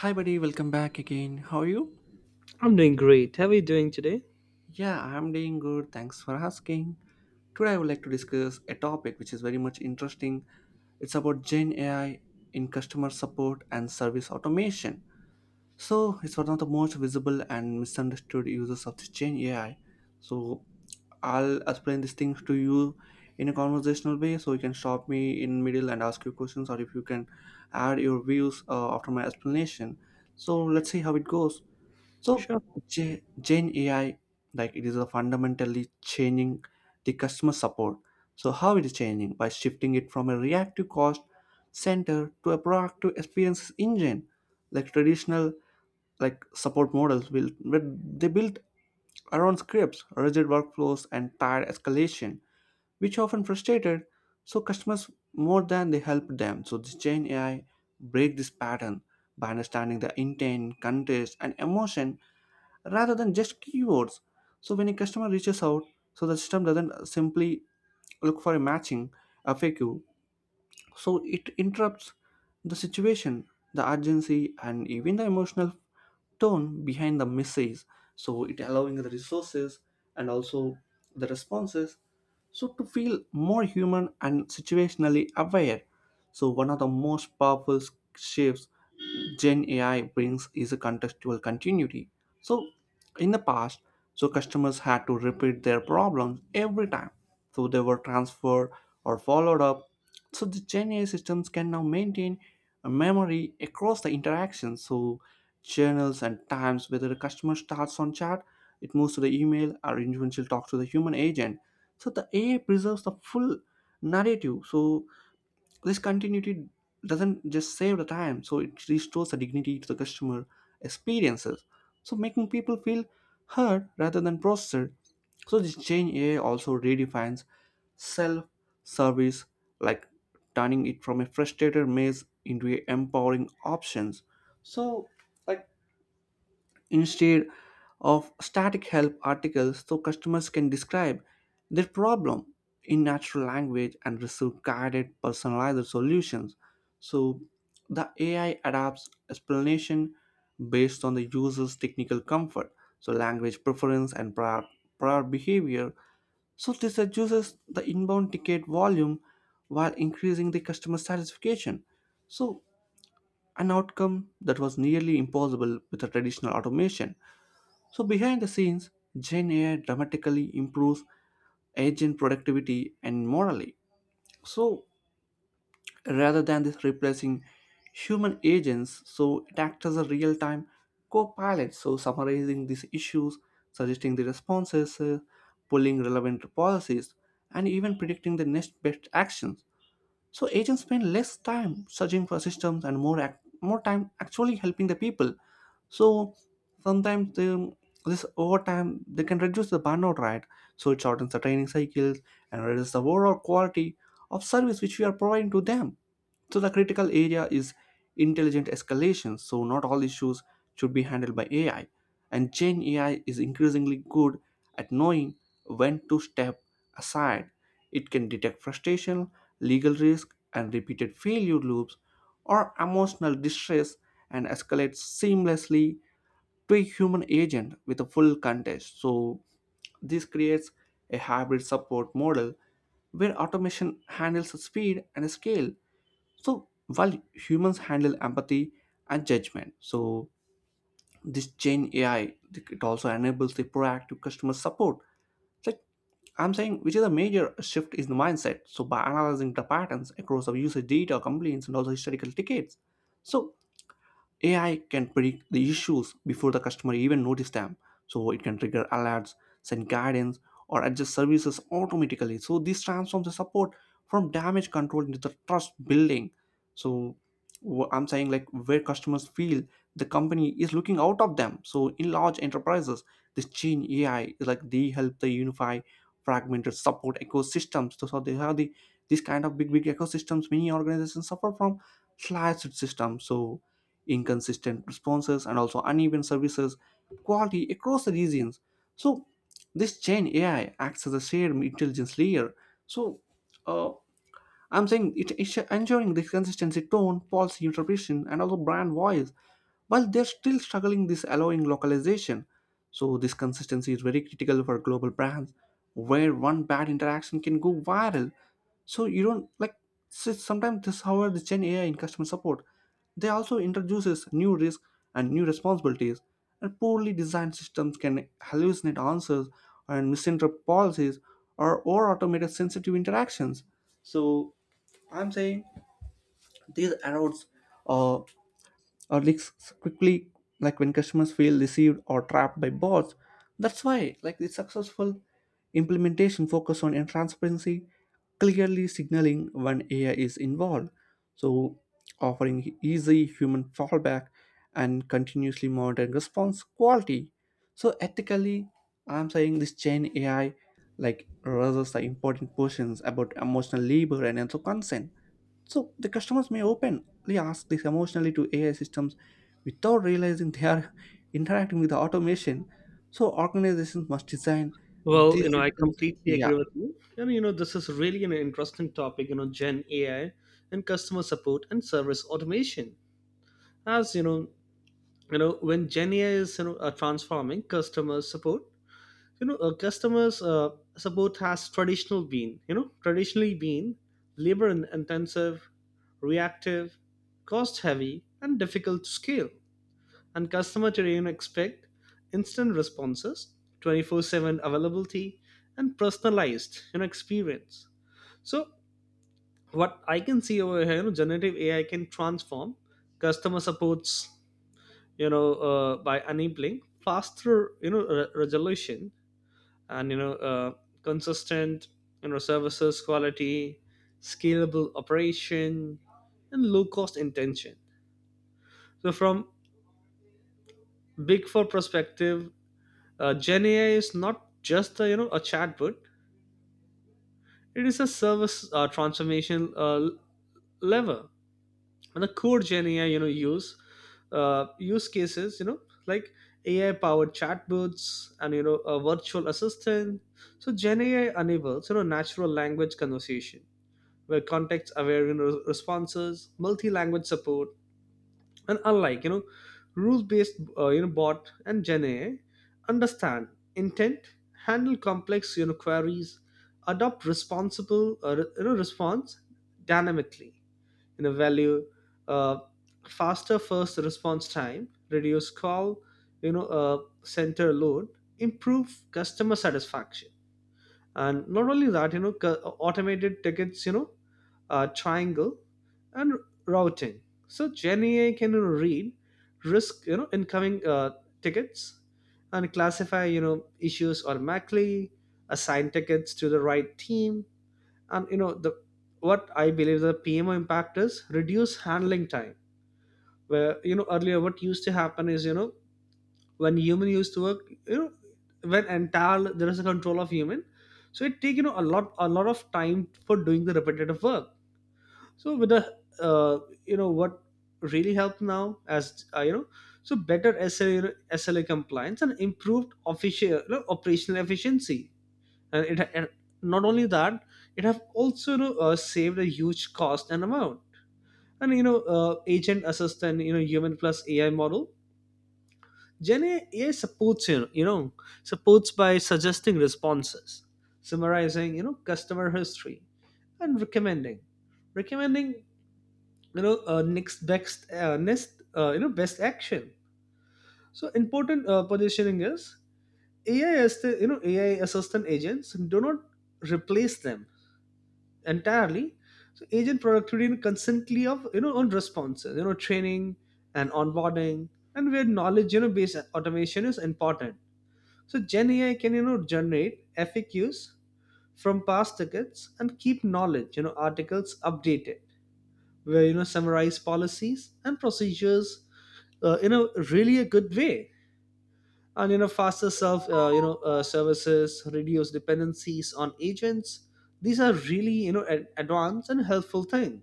Hi, buddy, welcome back again. How are you? I'm doing great. How are you doing today? Yeah, I'm doing good. Thanks for asking. Today, I would like to discuss a topic which is very much interesting. It's about Gen AI in customer support and service automation. So, it's one of the most visible and misunderstood uses of this Gen AI. So, I'll explain these things to you in a conversational way, so you can stop me in middle and ask you questions, or if you can add your views after my explanation. So, let's see how it goes. So Sure. Gen, AI, like, it is a fundamentally changing the customer support. So how it is changing, by shifting it from a reactive cost center to a proactive experience engine, like traditional like support models will, but they built around scripts, rigid workflows, and tired escalation, which often frustrated so customers more than they helped them. So this Gen AI break this pattern by understanding the intent, context, and emotion rather than just keywords. So when a customer reaches out, so the system doesn't simply look for a matching FAQ. So it interrupts the situation, the urgency, and even the emotional tone behind the message. So it allowing the resources and also the responses so to feel more human and situationally aware. So one of the most powerful shifts Gen AI brings is a contextual continuity. So in the past, so customers had to repeat their problems every time so they were transferred or followed up. So the Gen AI systems can now maintain a memory across the interactions, so channels and times, whether the customer starts on chat, it moves to the email, or individual talks to the human agent. So the AI preserves the full narrative. So this continuity doesn't just save the time, so it restores the dignity to the customer experiences, so making people feel heard rather than processed. So this change AI also redefines self service like turning it from a frustrated maze into a empowering options. So, like, instead of static help articles, so customers can describe their problem in natural language and receive guided personalized solutions. So the AI adapts explanation based on the user's technical comfort, so language preference and prior behavior. So this reduces the inbound ticket volume while increasing the customer satisfaction, so an outcome that was nearly impossible with a traditional automation. So, behind the scenes, Gen AI dramatically improves agent productivity and morally. So, rather than this replacing human agents, so it acts as a real time co pilot, so summarizing these issues, suggesting the responses, pulling relevant policies, and even predicting the next best actions. So agents spend less time searching for systems and more time actually helping the people. So sometimes they, this over time they can reduce the burnout, right? So it shortens the training cycles and reduces the overall quality of service which we are providing to them. So the critical area is intelligent escalation. So not all issues should be handled by AI, and Gen AI is increasingly good at knowing when to step aside. It can detect frustration, legal risk, and repeated failure loops or emotional distress, and escalates seamlessly to a human agent with a full context. So, this creates a hybrid support model where automation handles speed and scale, so while humans handle empathy and judgment. So, this Gen AI it also enables the proactive customer support, like I'm saying, which is a major shift in the mindset. So by analyzing the patterns across of usage data, complaints, and also historical tickets, so AI can predict the issues before the customer even notice them. So it can trigger alerts, send guidance, or adjust services automatically. So this transforms the support from damage control into the trust building. So I'm saying, like, where customers feel the company is looking out of them. So in large enterprises, this chain AI is like they help, they unify fragmented support ecosystems. So, so they have the these kind of big big ecosystems, many organizations suffer from slashed systems. So inconsistent responses and also uneven services quality across the regions. So this chain AI acts as a shared intelligence layer. So, uh, I'm saying, it's ensuring this consistency, tone, policy interpretation, and also brand voice, while they're still struggling this allowing localization. So this consistency is very critical for global brands, where one bad interaction can go viral. So you don't like so sometimes this, however, the Gen AI in customer support, they also introduces new risk and new responsibilities, and poorly designed systems can hallucinate answers and misinterpret policies or automate sensitive interactions. So I'm saying these errors uh, are leaks quickly, like when customers feel deceived or trapped by bots. That's why, like, the successful implementation focus on in transparency, clearly signaling when AI is involved. So, offering easy human fallback and continuously monitoring response quality. So, ethically, I'm saying this chain AI, like, raises the important questions about emotional labor and also consent. So the customers may openly ask this emotionally to AI systems without realizing they are interacting with the automation. So organizations must design Well, these I systems. completely Yeah, agree with you. And, this is really an interesting topic, Gen AI and customer support and service automation. As you know, when Gen AI is, transforming customer support, customers support has traditionally been labor intensive, reactive, cost heavy, and difficult to scale. And customer terrain expect instant responses, 24/7 availability, and personalized, experience. So what I can see over here, generative AI can transform customer supports, by enabling faster, resolution and consistent, services quality, scalable operation, and low cost intention. So from big four perspective, Gen AI is not just a, a chatbot; it is a service transformation lever. And the core Gen AI, use use cases, like AI powered chatbots and a virtual assistant. So Gen AI enables natural language conversation, where context aware, responses, multi language support, and unlike rules based bot. And Gen AI understand intent, handle complex, queries, adopt responsible, response dynamically. You know, value, uh, faster first response time, reduce call, you know uh, center load, improve customer satisfaction. And not only that, automated tickets, triangle and routing. So GNA can, read risk, incoming, tickets, and classify, issues automatically, assign tickets to the right team. And you know the what I believe, the PMO impact is reduce handling time, where earlier what used to happen is, when human used to work, when entire there is a control of human, so it take a lot of time for doing the repetitive work. So with the, uh, what really helped now as, so better SLA compliance and improved official, operational efficiency. And it, and not only that, it have also, saved a huge cost and amount. And agent assistant, human plus AI model. Gen AI supports, supports by suggesting responses, summarizing, customer history, and recommending, next best, next you know best action. So important positioning is AI as the, AI assistant. Agents do not replace them entirely. So agent productivity constantly of, on responses, training and onboarding. And where knowledge, based automation is important. So Gen AI can, generate FAQs from past tickets and keep knowledge, articles updated, where summarize policies and procedures, in a really a good way. And faster self, services, reduce dependencies on agents. These are really, advanced and helpful thing,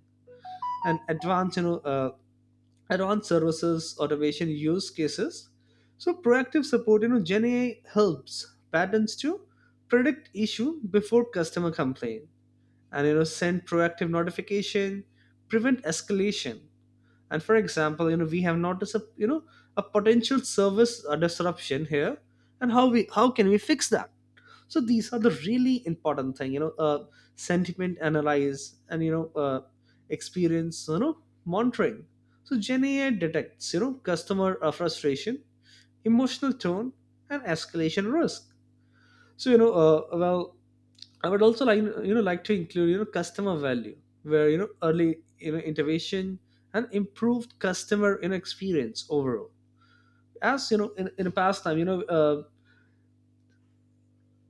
and advanced, advanced services automation use cases. So proactive support, Gen AI helps patterns to predict issue before customer complaint, and send proactive notification, prevent escalation. And for example, we have noticed a, a potential service, disruption here, and how can we fix that. So these are the really important thing, sentiment analyze and, experience, monitoring. So Gen AI detects, customer, frustration, emotional tone, and escalation risk. So, well, I would also like, to include, customer value, where, early, intervention and improved customer, experience overall. As you know, in the past time,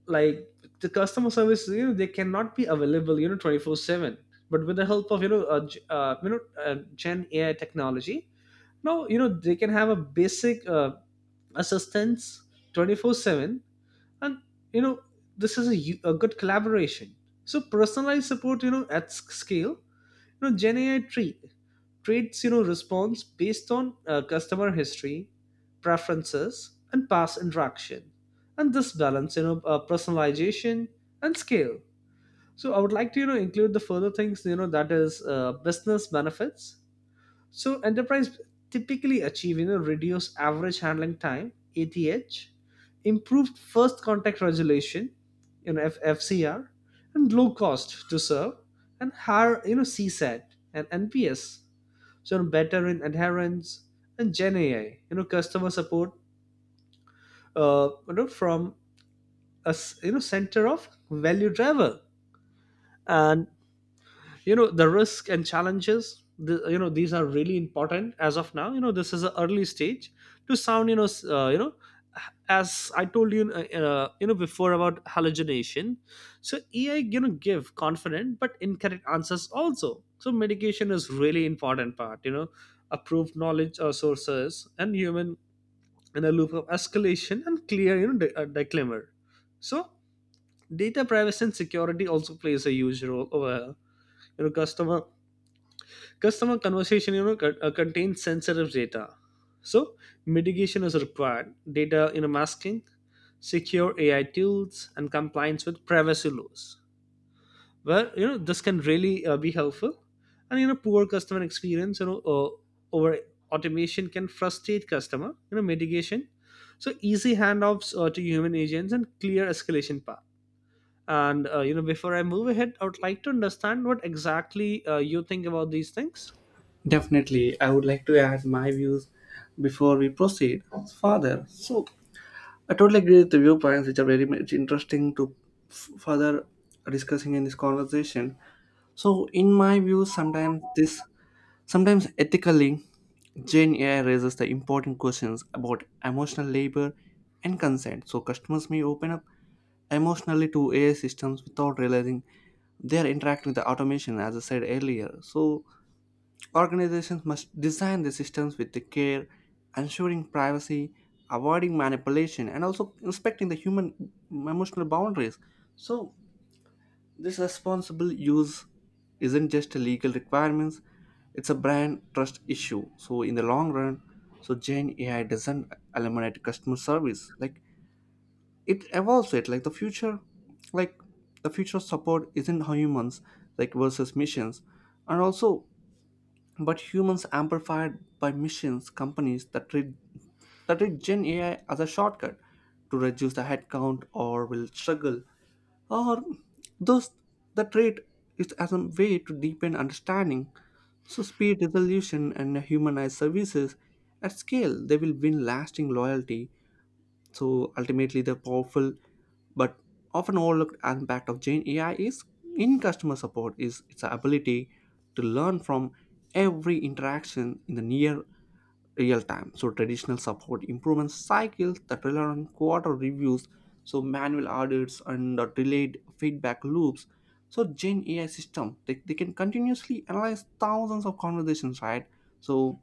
like, the customer service, they cannot be available, 24/7. But with the help of, Gen AI technology, now they can have a basic, assistance 24/7. And you know this is a, a good collaboration. So personalized support, scale, Gen AI treats, response based on, customer history, preferences, and past interaction. And this balance, personalization and scale. So I would like to, include the further things, that is, business benefits. So enterprise typically achieve, reduced average handling time (ATH), improved first contact regulation, FCR, and low cost to serve, and higher, CSAT and NPS. So better in adherence. And Gen AI, customer support, from a, center of value driver. And, the risk and challenges, the, these are really important. As of now, this is an early stage to sound, as I told you, you know before about hallucination. So AI, give confident but incorrect answers also. So medication is really important part, approved knowledge, sources and human in a loop of escalation and clear, disclaimer. So data privacy and security also plays a huge role over customer. Customer conversation, contains sensitive data, so mitigation is required. Data, masking, secure AI tools, and compliance with privacy laws. Well, this can really be helpful. And poor customer experience, over automation can frustrate customer. Mitigation, so easy handoffs to human agents and clear escalation path. And before I move ahead, I would like to understand what exactly you think about these things. definitely. I would like to add my views before we proceed further. So I totally agree with the viewpoints, which are very much interesting to further discussing in this conversation. So in my view, sometimes this. Sometimes ethically, Gen AI raises the important questions about emotional labor and consent. So customers may open up emotionally to AI systems without realizing they are interacting with the automation, as I said earlier. So organizations must design the systems with the care, ensuring privacy, avoiding manipulation, and also inspecting the human emotional boundaries. So this responsible use isn't just a legal requirements, it's a brand trust issue. So in the long run, so Gen AI doesn't eliminate customer service. Like it evolves it. Like the future support isn't humans like versus missions, and also but humans amplified by missions, companies that treat Gen AI as a shortcut to reduce the headcount or will struggle, or thus the trait is as a way to deepen understanding, so speed resolution and humanized services at scale, they will win lasting loyalty. So ultimately, the powerful but often overlooked impact of Gen AI is in customer support is its ability to learn from every interaction in the near real time. So traditional support improvement cycles that rely on quarter reviews, so manual audits and delayed feedback loops. So Gen AI system, they can continuously analyze thousands of conversations, right? So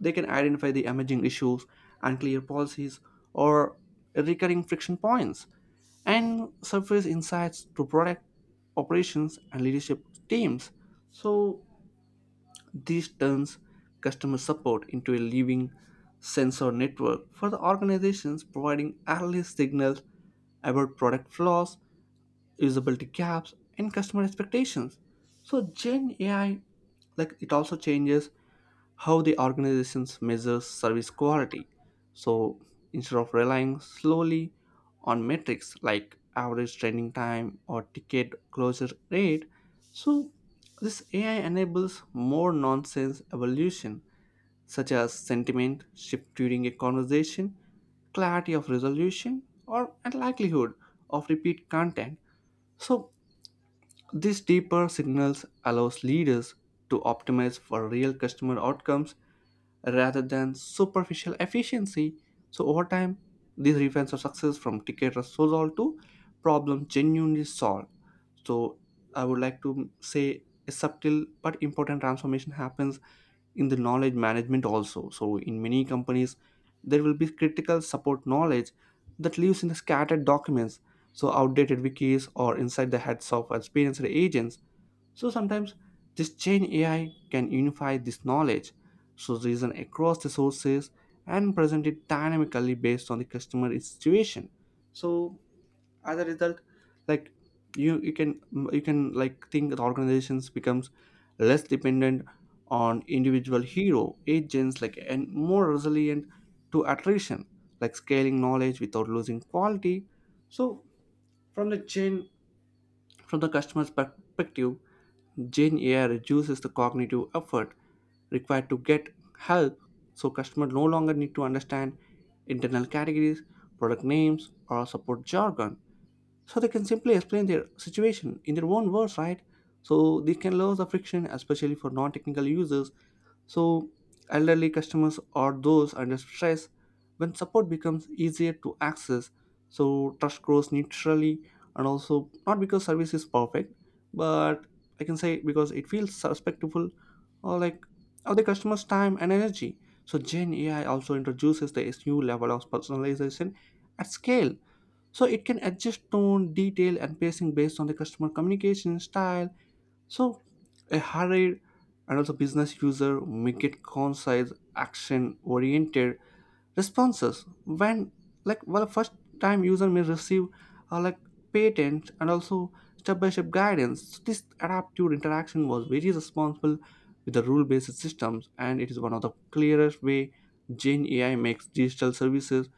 they can identify the emerging issues, unclear policies, or recurring friction points, and surface insights to product operations and leadership teams. So this turns customer support into a living sensor network for the organizations, providing early signals about product flaws, usability gaps, and customer expectations. So Gen AI, like, it also changes how the organizations measures service quality. So instead of relying slowly on metrics like average training time or ticket closure rate, so this AI enables more nonsense evolution such as sentiment shift during a conversation, clarity of resolution, or and likelihood of repeat content. So these deeper signals allows leaders to optimize for real customer outcomes rather than superficial efficiency. So over time, these events of success from ticket resolved to problem genuinely solved. So I would like to say a subtle but important transformation happens in the knowledge management also. So in many companies, there will be critical support knowledge that lives in the scattered documents, so outdated wikis or inside the heads of experienced agents. So sometimes this chain AI can unify this knowledge, so reason across the sources and present it dynamically based on the customer situation. So as a result, like, you can you can like think the organizations becomes less dependent on individual hero agents, like, and more resilient to attrition, like scaling knowledge without losing quality. So from the chain from the customer's perspective, Gen AI reduces the cognitive effort required to get help, so customers no longer need to understand internal categories, product names, or support jargon. So they can simply explain their situation in their own words, right? So this can lower the friction, especially for non-technical users, so elderly customers or those under stress, when support becomes easier to access. So trust grows naturally, and also not because service is perfect, but I can say because it feels respectful or, like, of the customer's time and energy. So Gen AI also introduces this new level of personalization at scale. So it can adjust tone, detail, and pacing based on the customer communication style. So a harried and also business user may get concise action oriented responses, when, like, well, first time user may receive like patent and also step by step guidance. So this adaptive interaction was very responsible with the rule based systems, and it is one of the clearest way Gen AI makes digital services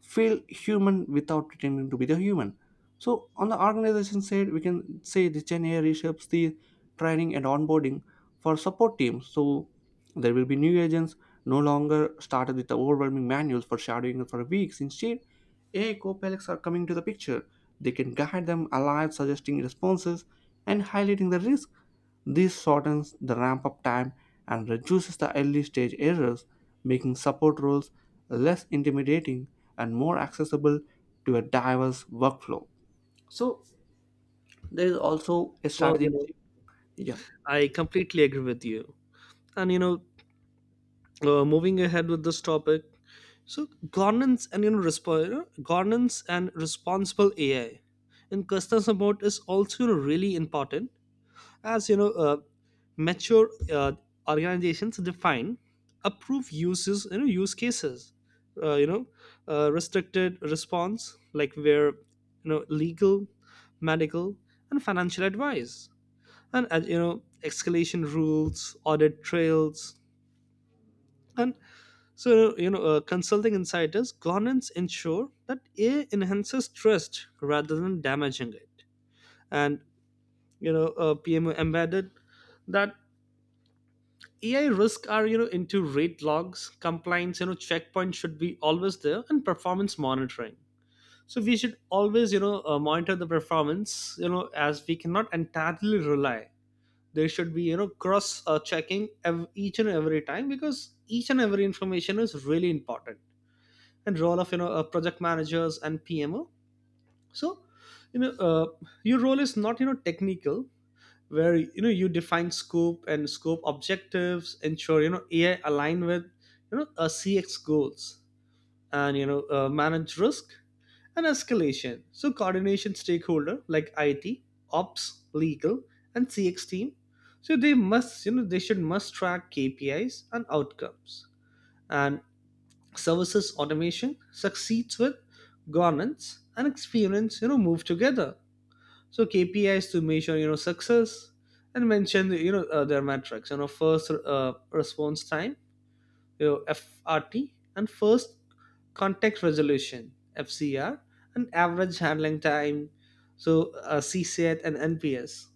feel human without pretending to be the human. So on the organization side, we can say the Gen AI reshapes the training and onboarding for support teams. So there will be new agents no longer started with the overwhelming manuals for shadowing for weeks. Instead, AI co-pilots are coming to the picture. They can guide them alive, suggesting responses and highlighting the risk. This shortens the ramp-up time and reduces the early-stage errors, making support roles less intimidating and more accessible to a diverse workflow. So there is also a Well, strategic shift. Yeah. I completely agree with you. And moving ahead with this topic, so governance and, governance and responsible AI in customer support is also, really important. As you know, mature organizations define, approve uses, use cases. Uh, you know, restricted response, like where legal, medical, and financial advice, and escalation rules, audit trails. And so, consulting insiders governance ensure that AI enhances trust rather than damaging it. And PMO embedded, that AI risks are, into rate logs, compliance, checkpoints should be always there, and performance monitoring. So we should always, monitor the performance, as we cannot entirely rely. There should be, cross, checking each and every time, because each and every information is really important. And role of, project managers and PMO. So, you know uh, your role is not, technical, where you define scope and scope objectives, ensure AI align with, CX goals, and manage risk and escalation. So, coordination stakeholder like IT, ops, legal, and CX team. So they must, you know, they should must track KPIs and outcomes. And services automation succeeds with governance and experience, move together. So KPIs to measure, success and mention, their metrics. First response time FRT, and first contact resolution FCR, and average handling time, so CSAT and NPS,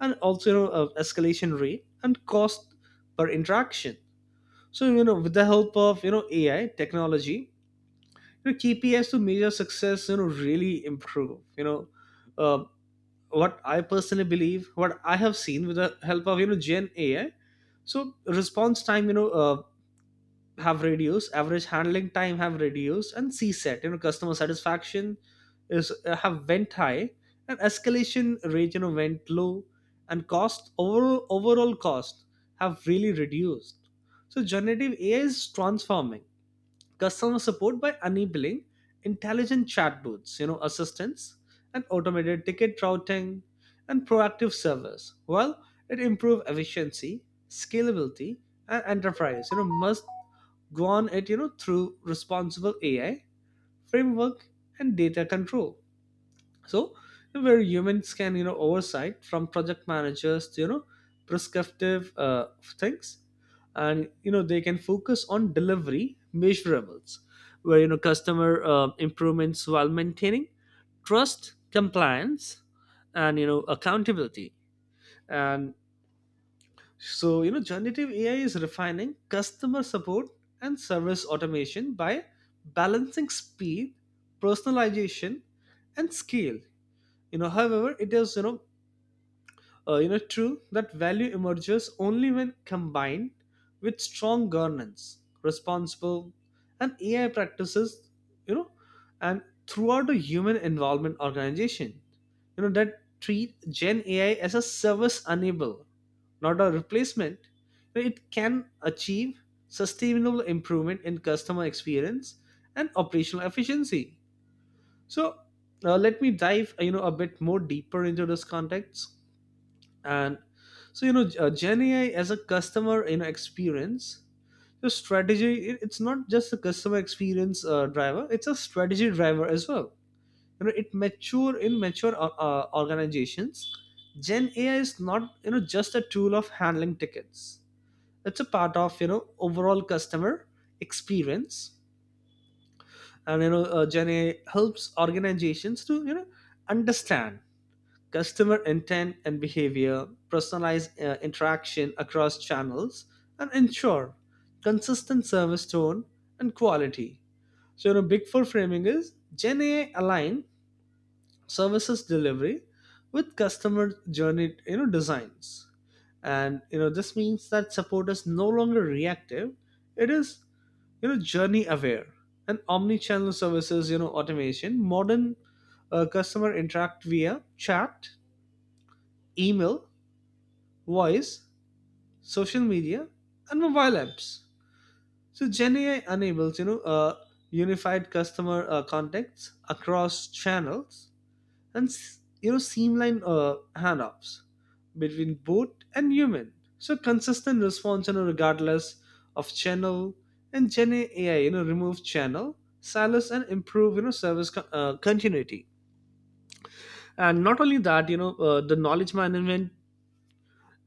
and also escalation rate and cost per interaction. So with the help of AI technology, KPIs to measure success, really improve. Uh, what I personally believe, what I have seen with the help of, Gen AI, so response time, have reduced, average handling time have reduced, and CSAT, customer satisfaction is, have went high, and escalation rate, went low, and cost, overall cost have really reduced. So generative AI is transforming customer support by enabling intelligent chatbots, assistants, and automated ticket routing and proactive service. Well, it improve efficiency, scalability, and enterprise, must go on it, through responsible AI framework and data control. So where humans can, oversight from project managers to, prescriptive, things. And they can focus on delivery measurables, where customer, improvements while maintaining trust, compliance, and accountability. And so, generative AI is refining customer support and service automation by balancing speed, personalization, and scale. However, it is, true that value emerges only when combined with strong governance, responsible and AI practices, you know and throughout the human involvement organization, that treat Gen AI as a service enable, not a replacement. You know, it can achieve sustainable improvement in customer experience and operational efficiency. So, let me dive, a bit more deeper into this context. And so, Gen AI as a customer, experience, the strategy, it's not just a customer experience driver, it's a strategy driver as well. You know, it mature in mature organizations, Gen AI is not, just a tool of handling tickets. It's a part of, overall customer experience. And, Gen AI helps organizations to, understand customer intent and behavior, personalize interaction across channels, and ensure consistent service tone and quality. So, big four framing is Gen AI align services delivery with customer journey, designs. And, this means that support is no longer reactive. It is, journey aware and omni-channel services, automation, modern customer interact via chat, email, voice, social media, and mobile apps. So GenAI enables, unified customer, contacts across channels, and, streamline handoffs between bot and human. So consistent response, regardless of channel. And GenAI, remove channel silos and improve, service, continuity. And not only that, the knowledge management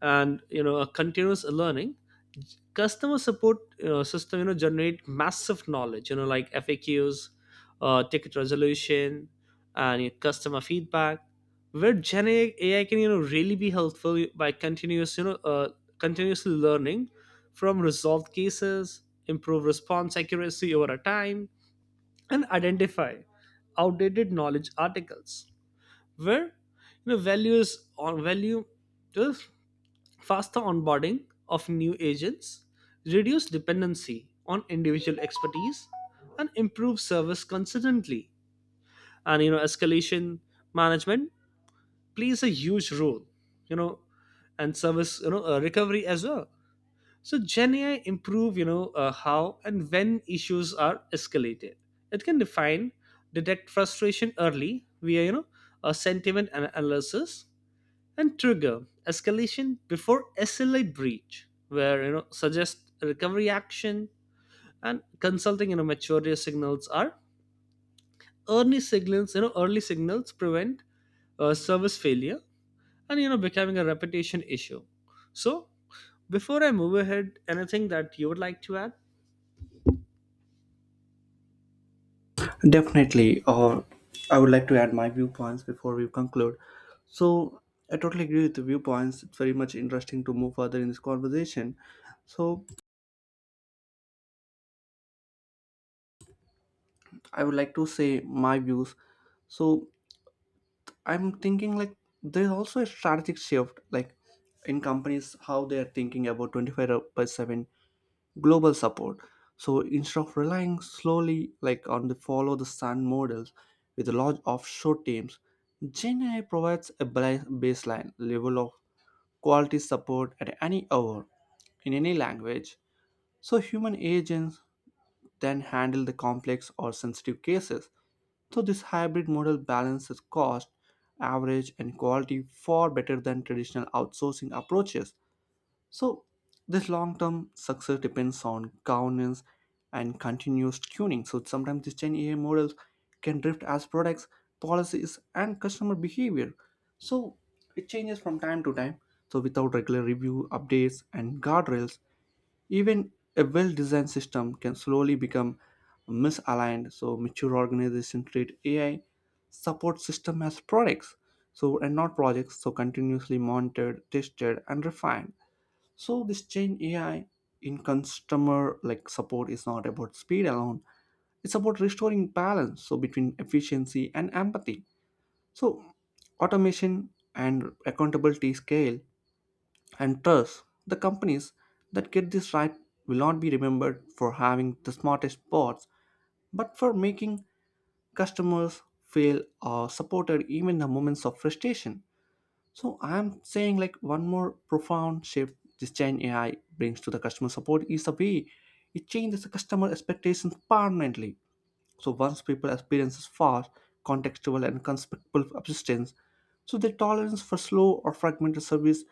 and, a continuous learning customer support, system, generate massive knowledge, like FAQs, ticket resolution, and your customer feedback, where Gen AI can, really be helpful by continuous, continuously learning from resolved cases, improve response accuracy over a time, and identify outdated knowledge articles, where value is on, value is faster onboarding of new agents, reduce dependency on individual expertise, and improve service consistently. And escalation management plays a huge role, you know, and service, recovery as well. So Gen AI improve, how and when issues are escalated. It can define, detect frustration early via, a sentiment analysis, and trigger escalation before SLA breach, where suggest recovery action. And consulting, maturity signals are early signals, early signals prevent service failure and, becoming a reputation issue. So before I move ahead, anything that you would like to add? Definitely, or I would like to add my viewpoints before we conclude. So, I totally agree with the viewpoints. It's very much interesting to move further in this conversation. So, I would like to say my views. So, I'm thinking like there's also a strategic shift, like in companies, how they are thinking about 25 by 7 global support. So instead of relying slowly like on the follow the sun models with large offshore teams, Gen AI provides a baseline level of quality support at any hour in any language. So human agents then handle the complex or sensitive cases. So this hybrid model balances cost, average, and quality far better than traditional outsourcing approaches. So, this long term success depends on governance and continuous tuning. So, sometimes these 10 AI models can drift as products, policies, and customer behavior. So, it changes from time to time. So, without regular review, updates, and guardrails, even a well designed system can slowly become misaligned. So, mature organizations treat AI support system as products. So, and not projects, so continuously monitored, tested, and refined. So this change AI in customer like support is not about speed alone. It's about restoring balance so between efficiency and empathy. So automation and accountability scale and trust. The companies that get this right will not be remembered for having the smartest bots, but for making customers feel supported even in the moments of frustration. So I'm saying like one more profound shift this Gen AI brings to the customer support is the way it changes the customer expectations permanently. So once people experiences fast, contextual and conspectful assistance, so their tolerance for slow or fragmented service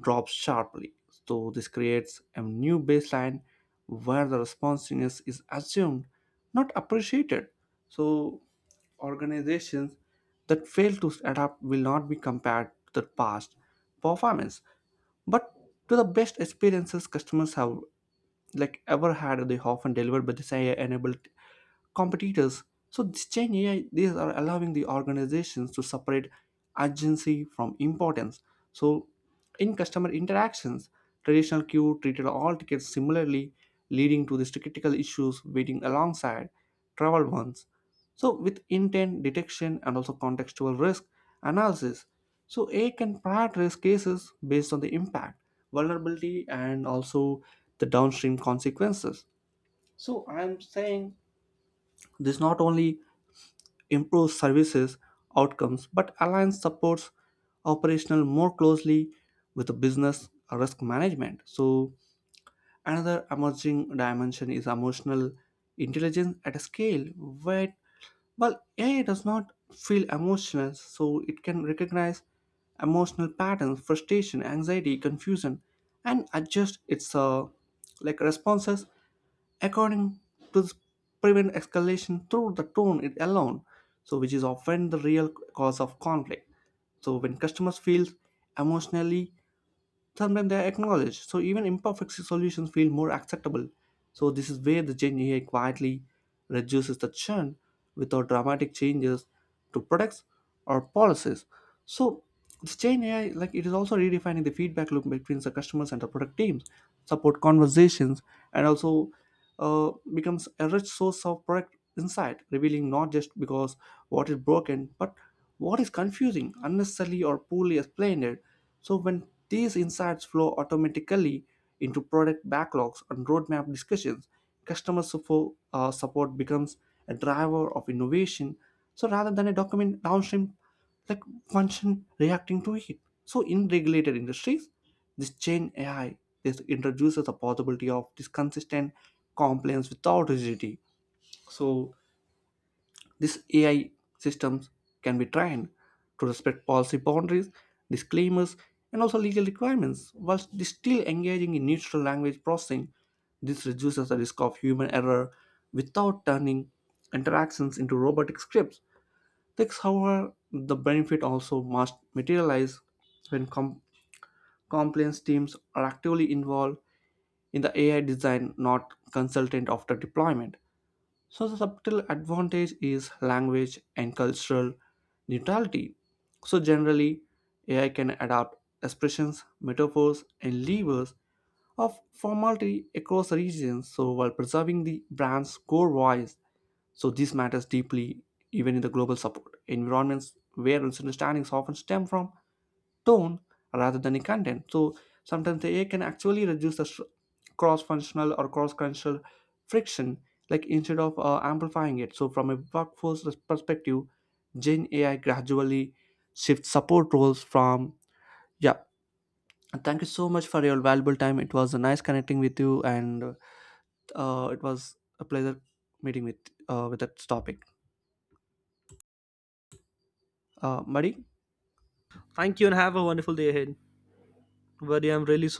drops sharply. So this creates a new baseline where the responsiveness is assumed, not appreciated. So organizations that fail to adapt will not be compared to the past performance, but to the best experiences customers have like ever had. They often delivered by this AI-enabled competitors. So this Gen AI, these are allowing the organizations to separate urgency from importance. So in customer interactions, traditional queue treated all tickets similarly, leading to these critical issues waiting alongside travel ones. So with intent detection and also contextual risk analysis, so AI can prioritize cases based on the impact, vulnerability, and also the downstream consequences. So I'm saying this not only improves services outcomes but aligns supports operational more closely with the business risk management. So another emerging dimension is emotional intelligence at a scale where well, AI does not feel emotional, so it can recognize emotional patterns, frustration, anxiety, confusion, and adjust its like responses according to this prevent escalation through the tone it alone. So, which is often the real cause of conflict. So, when customers feel emotionally sometimes they are acknowledged. So even imperfect solutions feel more acceptable. So this is where the Gen AI quietly reduces the churn without dramatic changes to products or policies. So this Gen AI, like it is also redefining the feedback loop between the customers and the product teams, support conversations, and also becomes a rich source of product insight, revealing not just because what is broken, but what is confusing, unnecessarily or poorly explained. So when these insights flow automatically into product backlogs and roadmap discussions, customer support, support becomes a driver of innovation. So rather than a document downstream like function reacting to it. So in regulated industries, this chain AI this introduces the possibility of this consistent compliance without rigidity. So these AI systems can be trained to respect policy boundaries, disclaimers, and also legal requirements while still engaging in natural language processing. This reduces the risk of human error without turning interactions into robotic scripts. Thus, however, the benefit also must materialize when compliance teams are actively involved in the AI design, not consultant after deployment. So the subtle advantage is language and cultural neutrality. So generally, AI can adapt expressions, metaphors, and levers of formality across regions. So while preserving the brand's core voice, so this matters deeply even in the global support environments where misunderstandings often stem from tone rather than the content. So sometimes the AI can actually reduce the cross-functional or cross-cultural friction like instead of amplifying it so from a workforce perspective gen ai gradually shifts support roles from yeah. And thank you so much for your valuable time, it was nice connecting with you, and it was a pleasure meeting with that topic, Mari. Thank you, and have a wonderful day ahead. Buddy, I'm really sorry.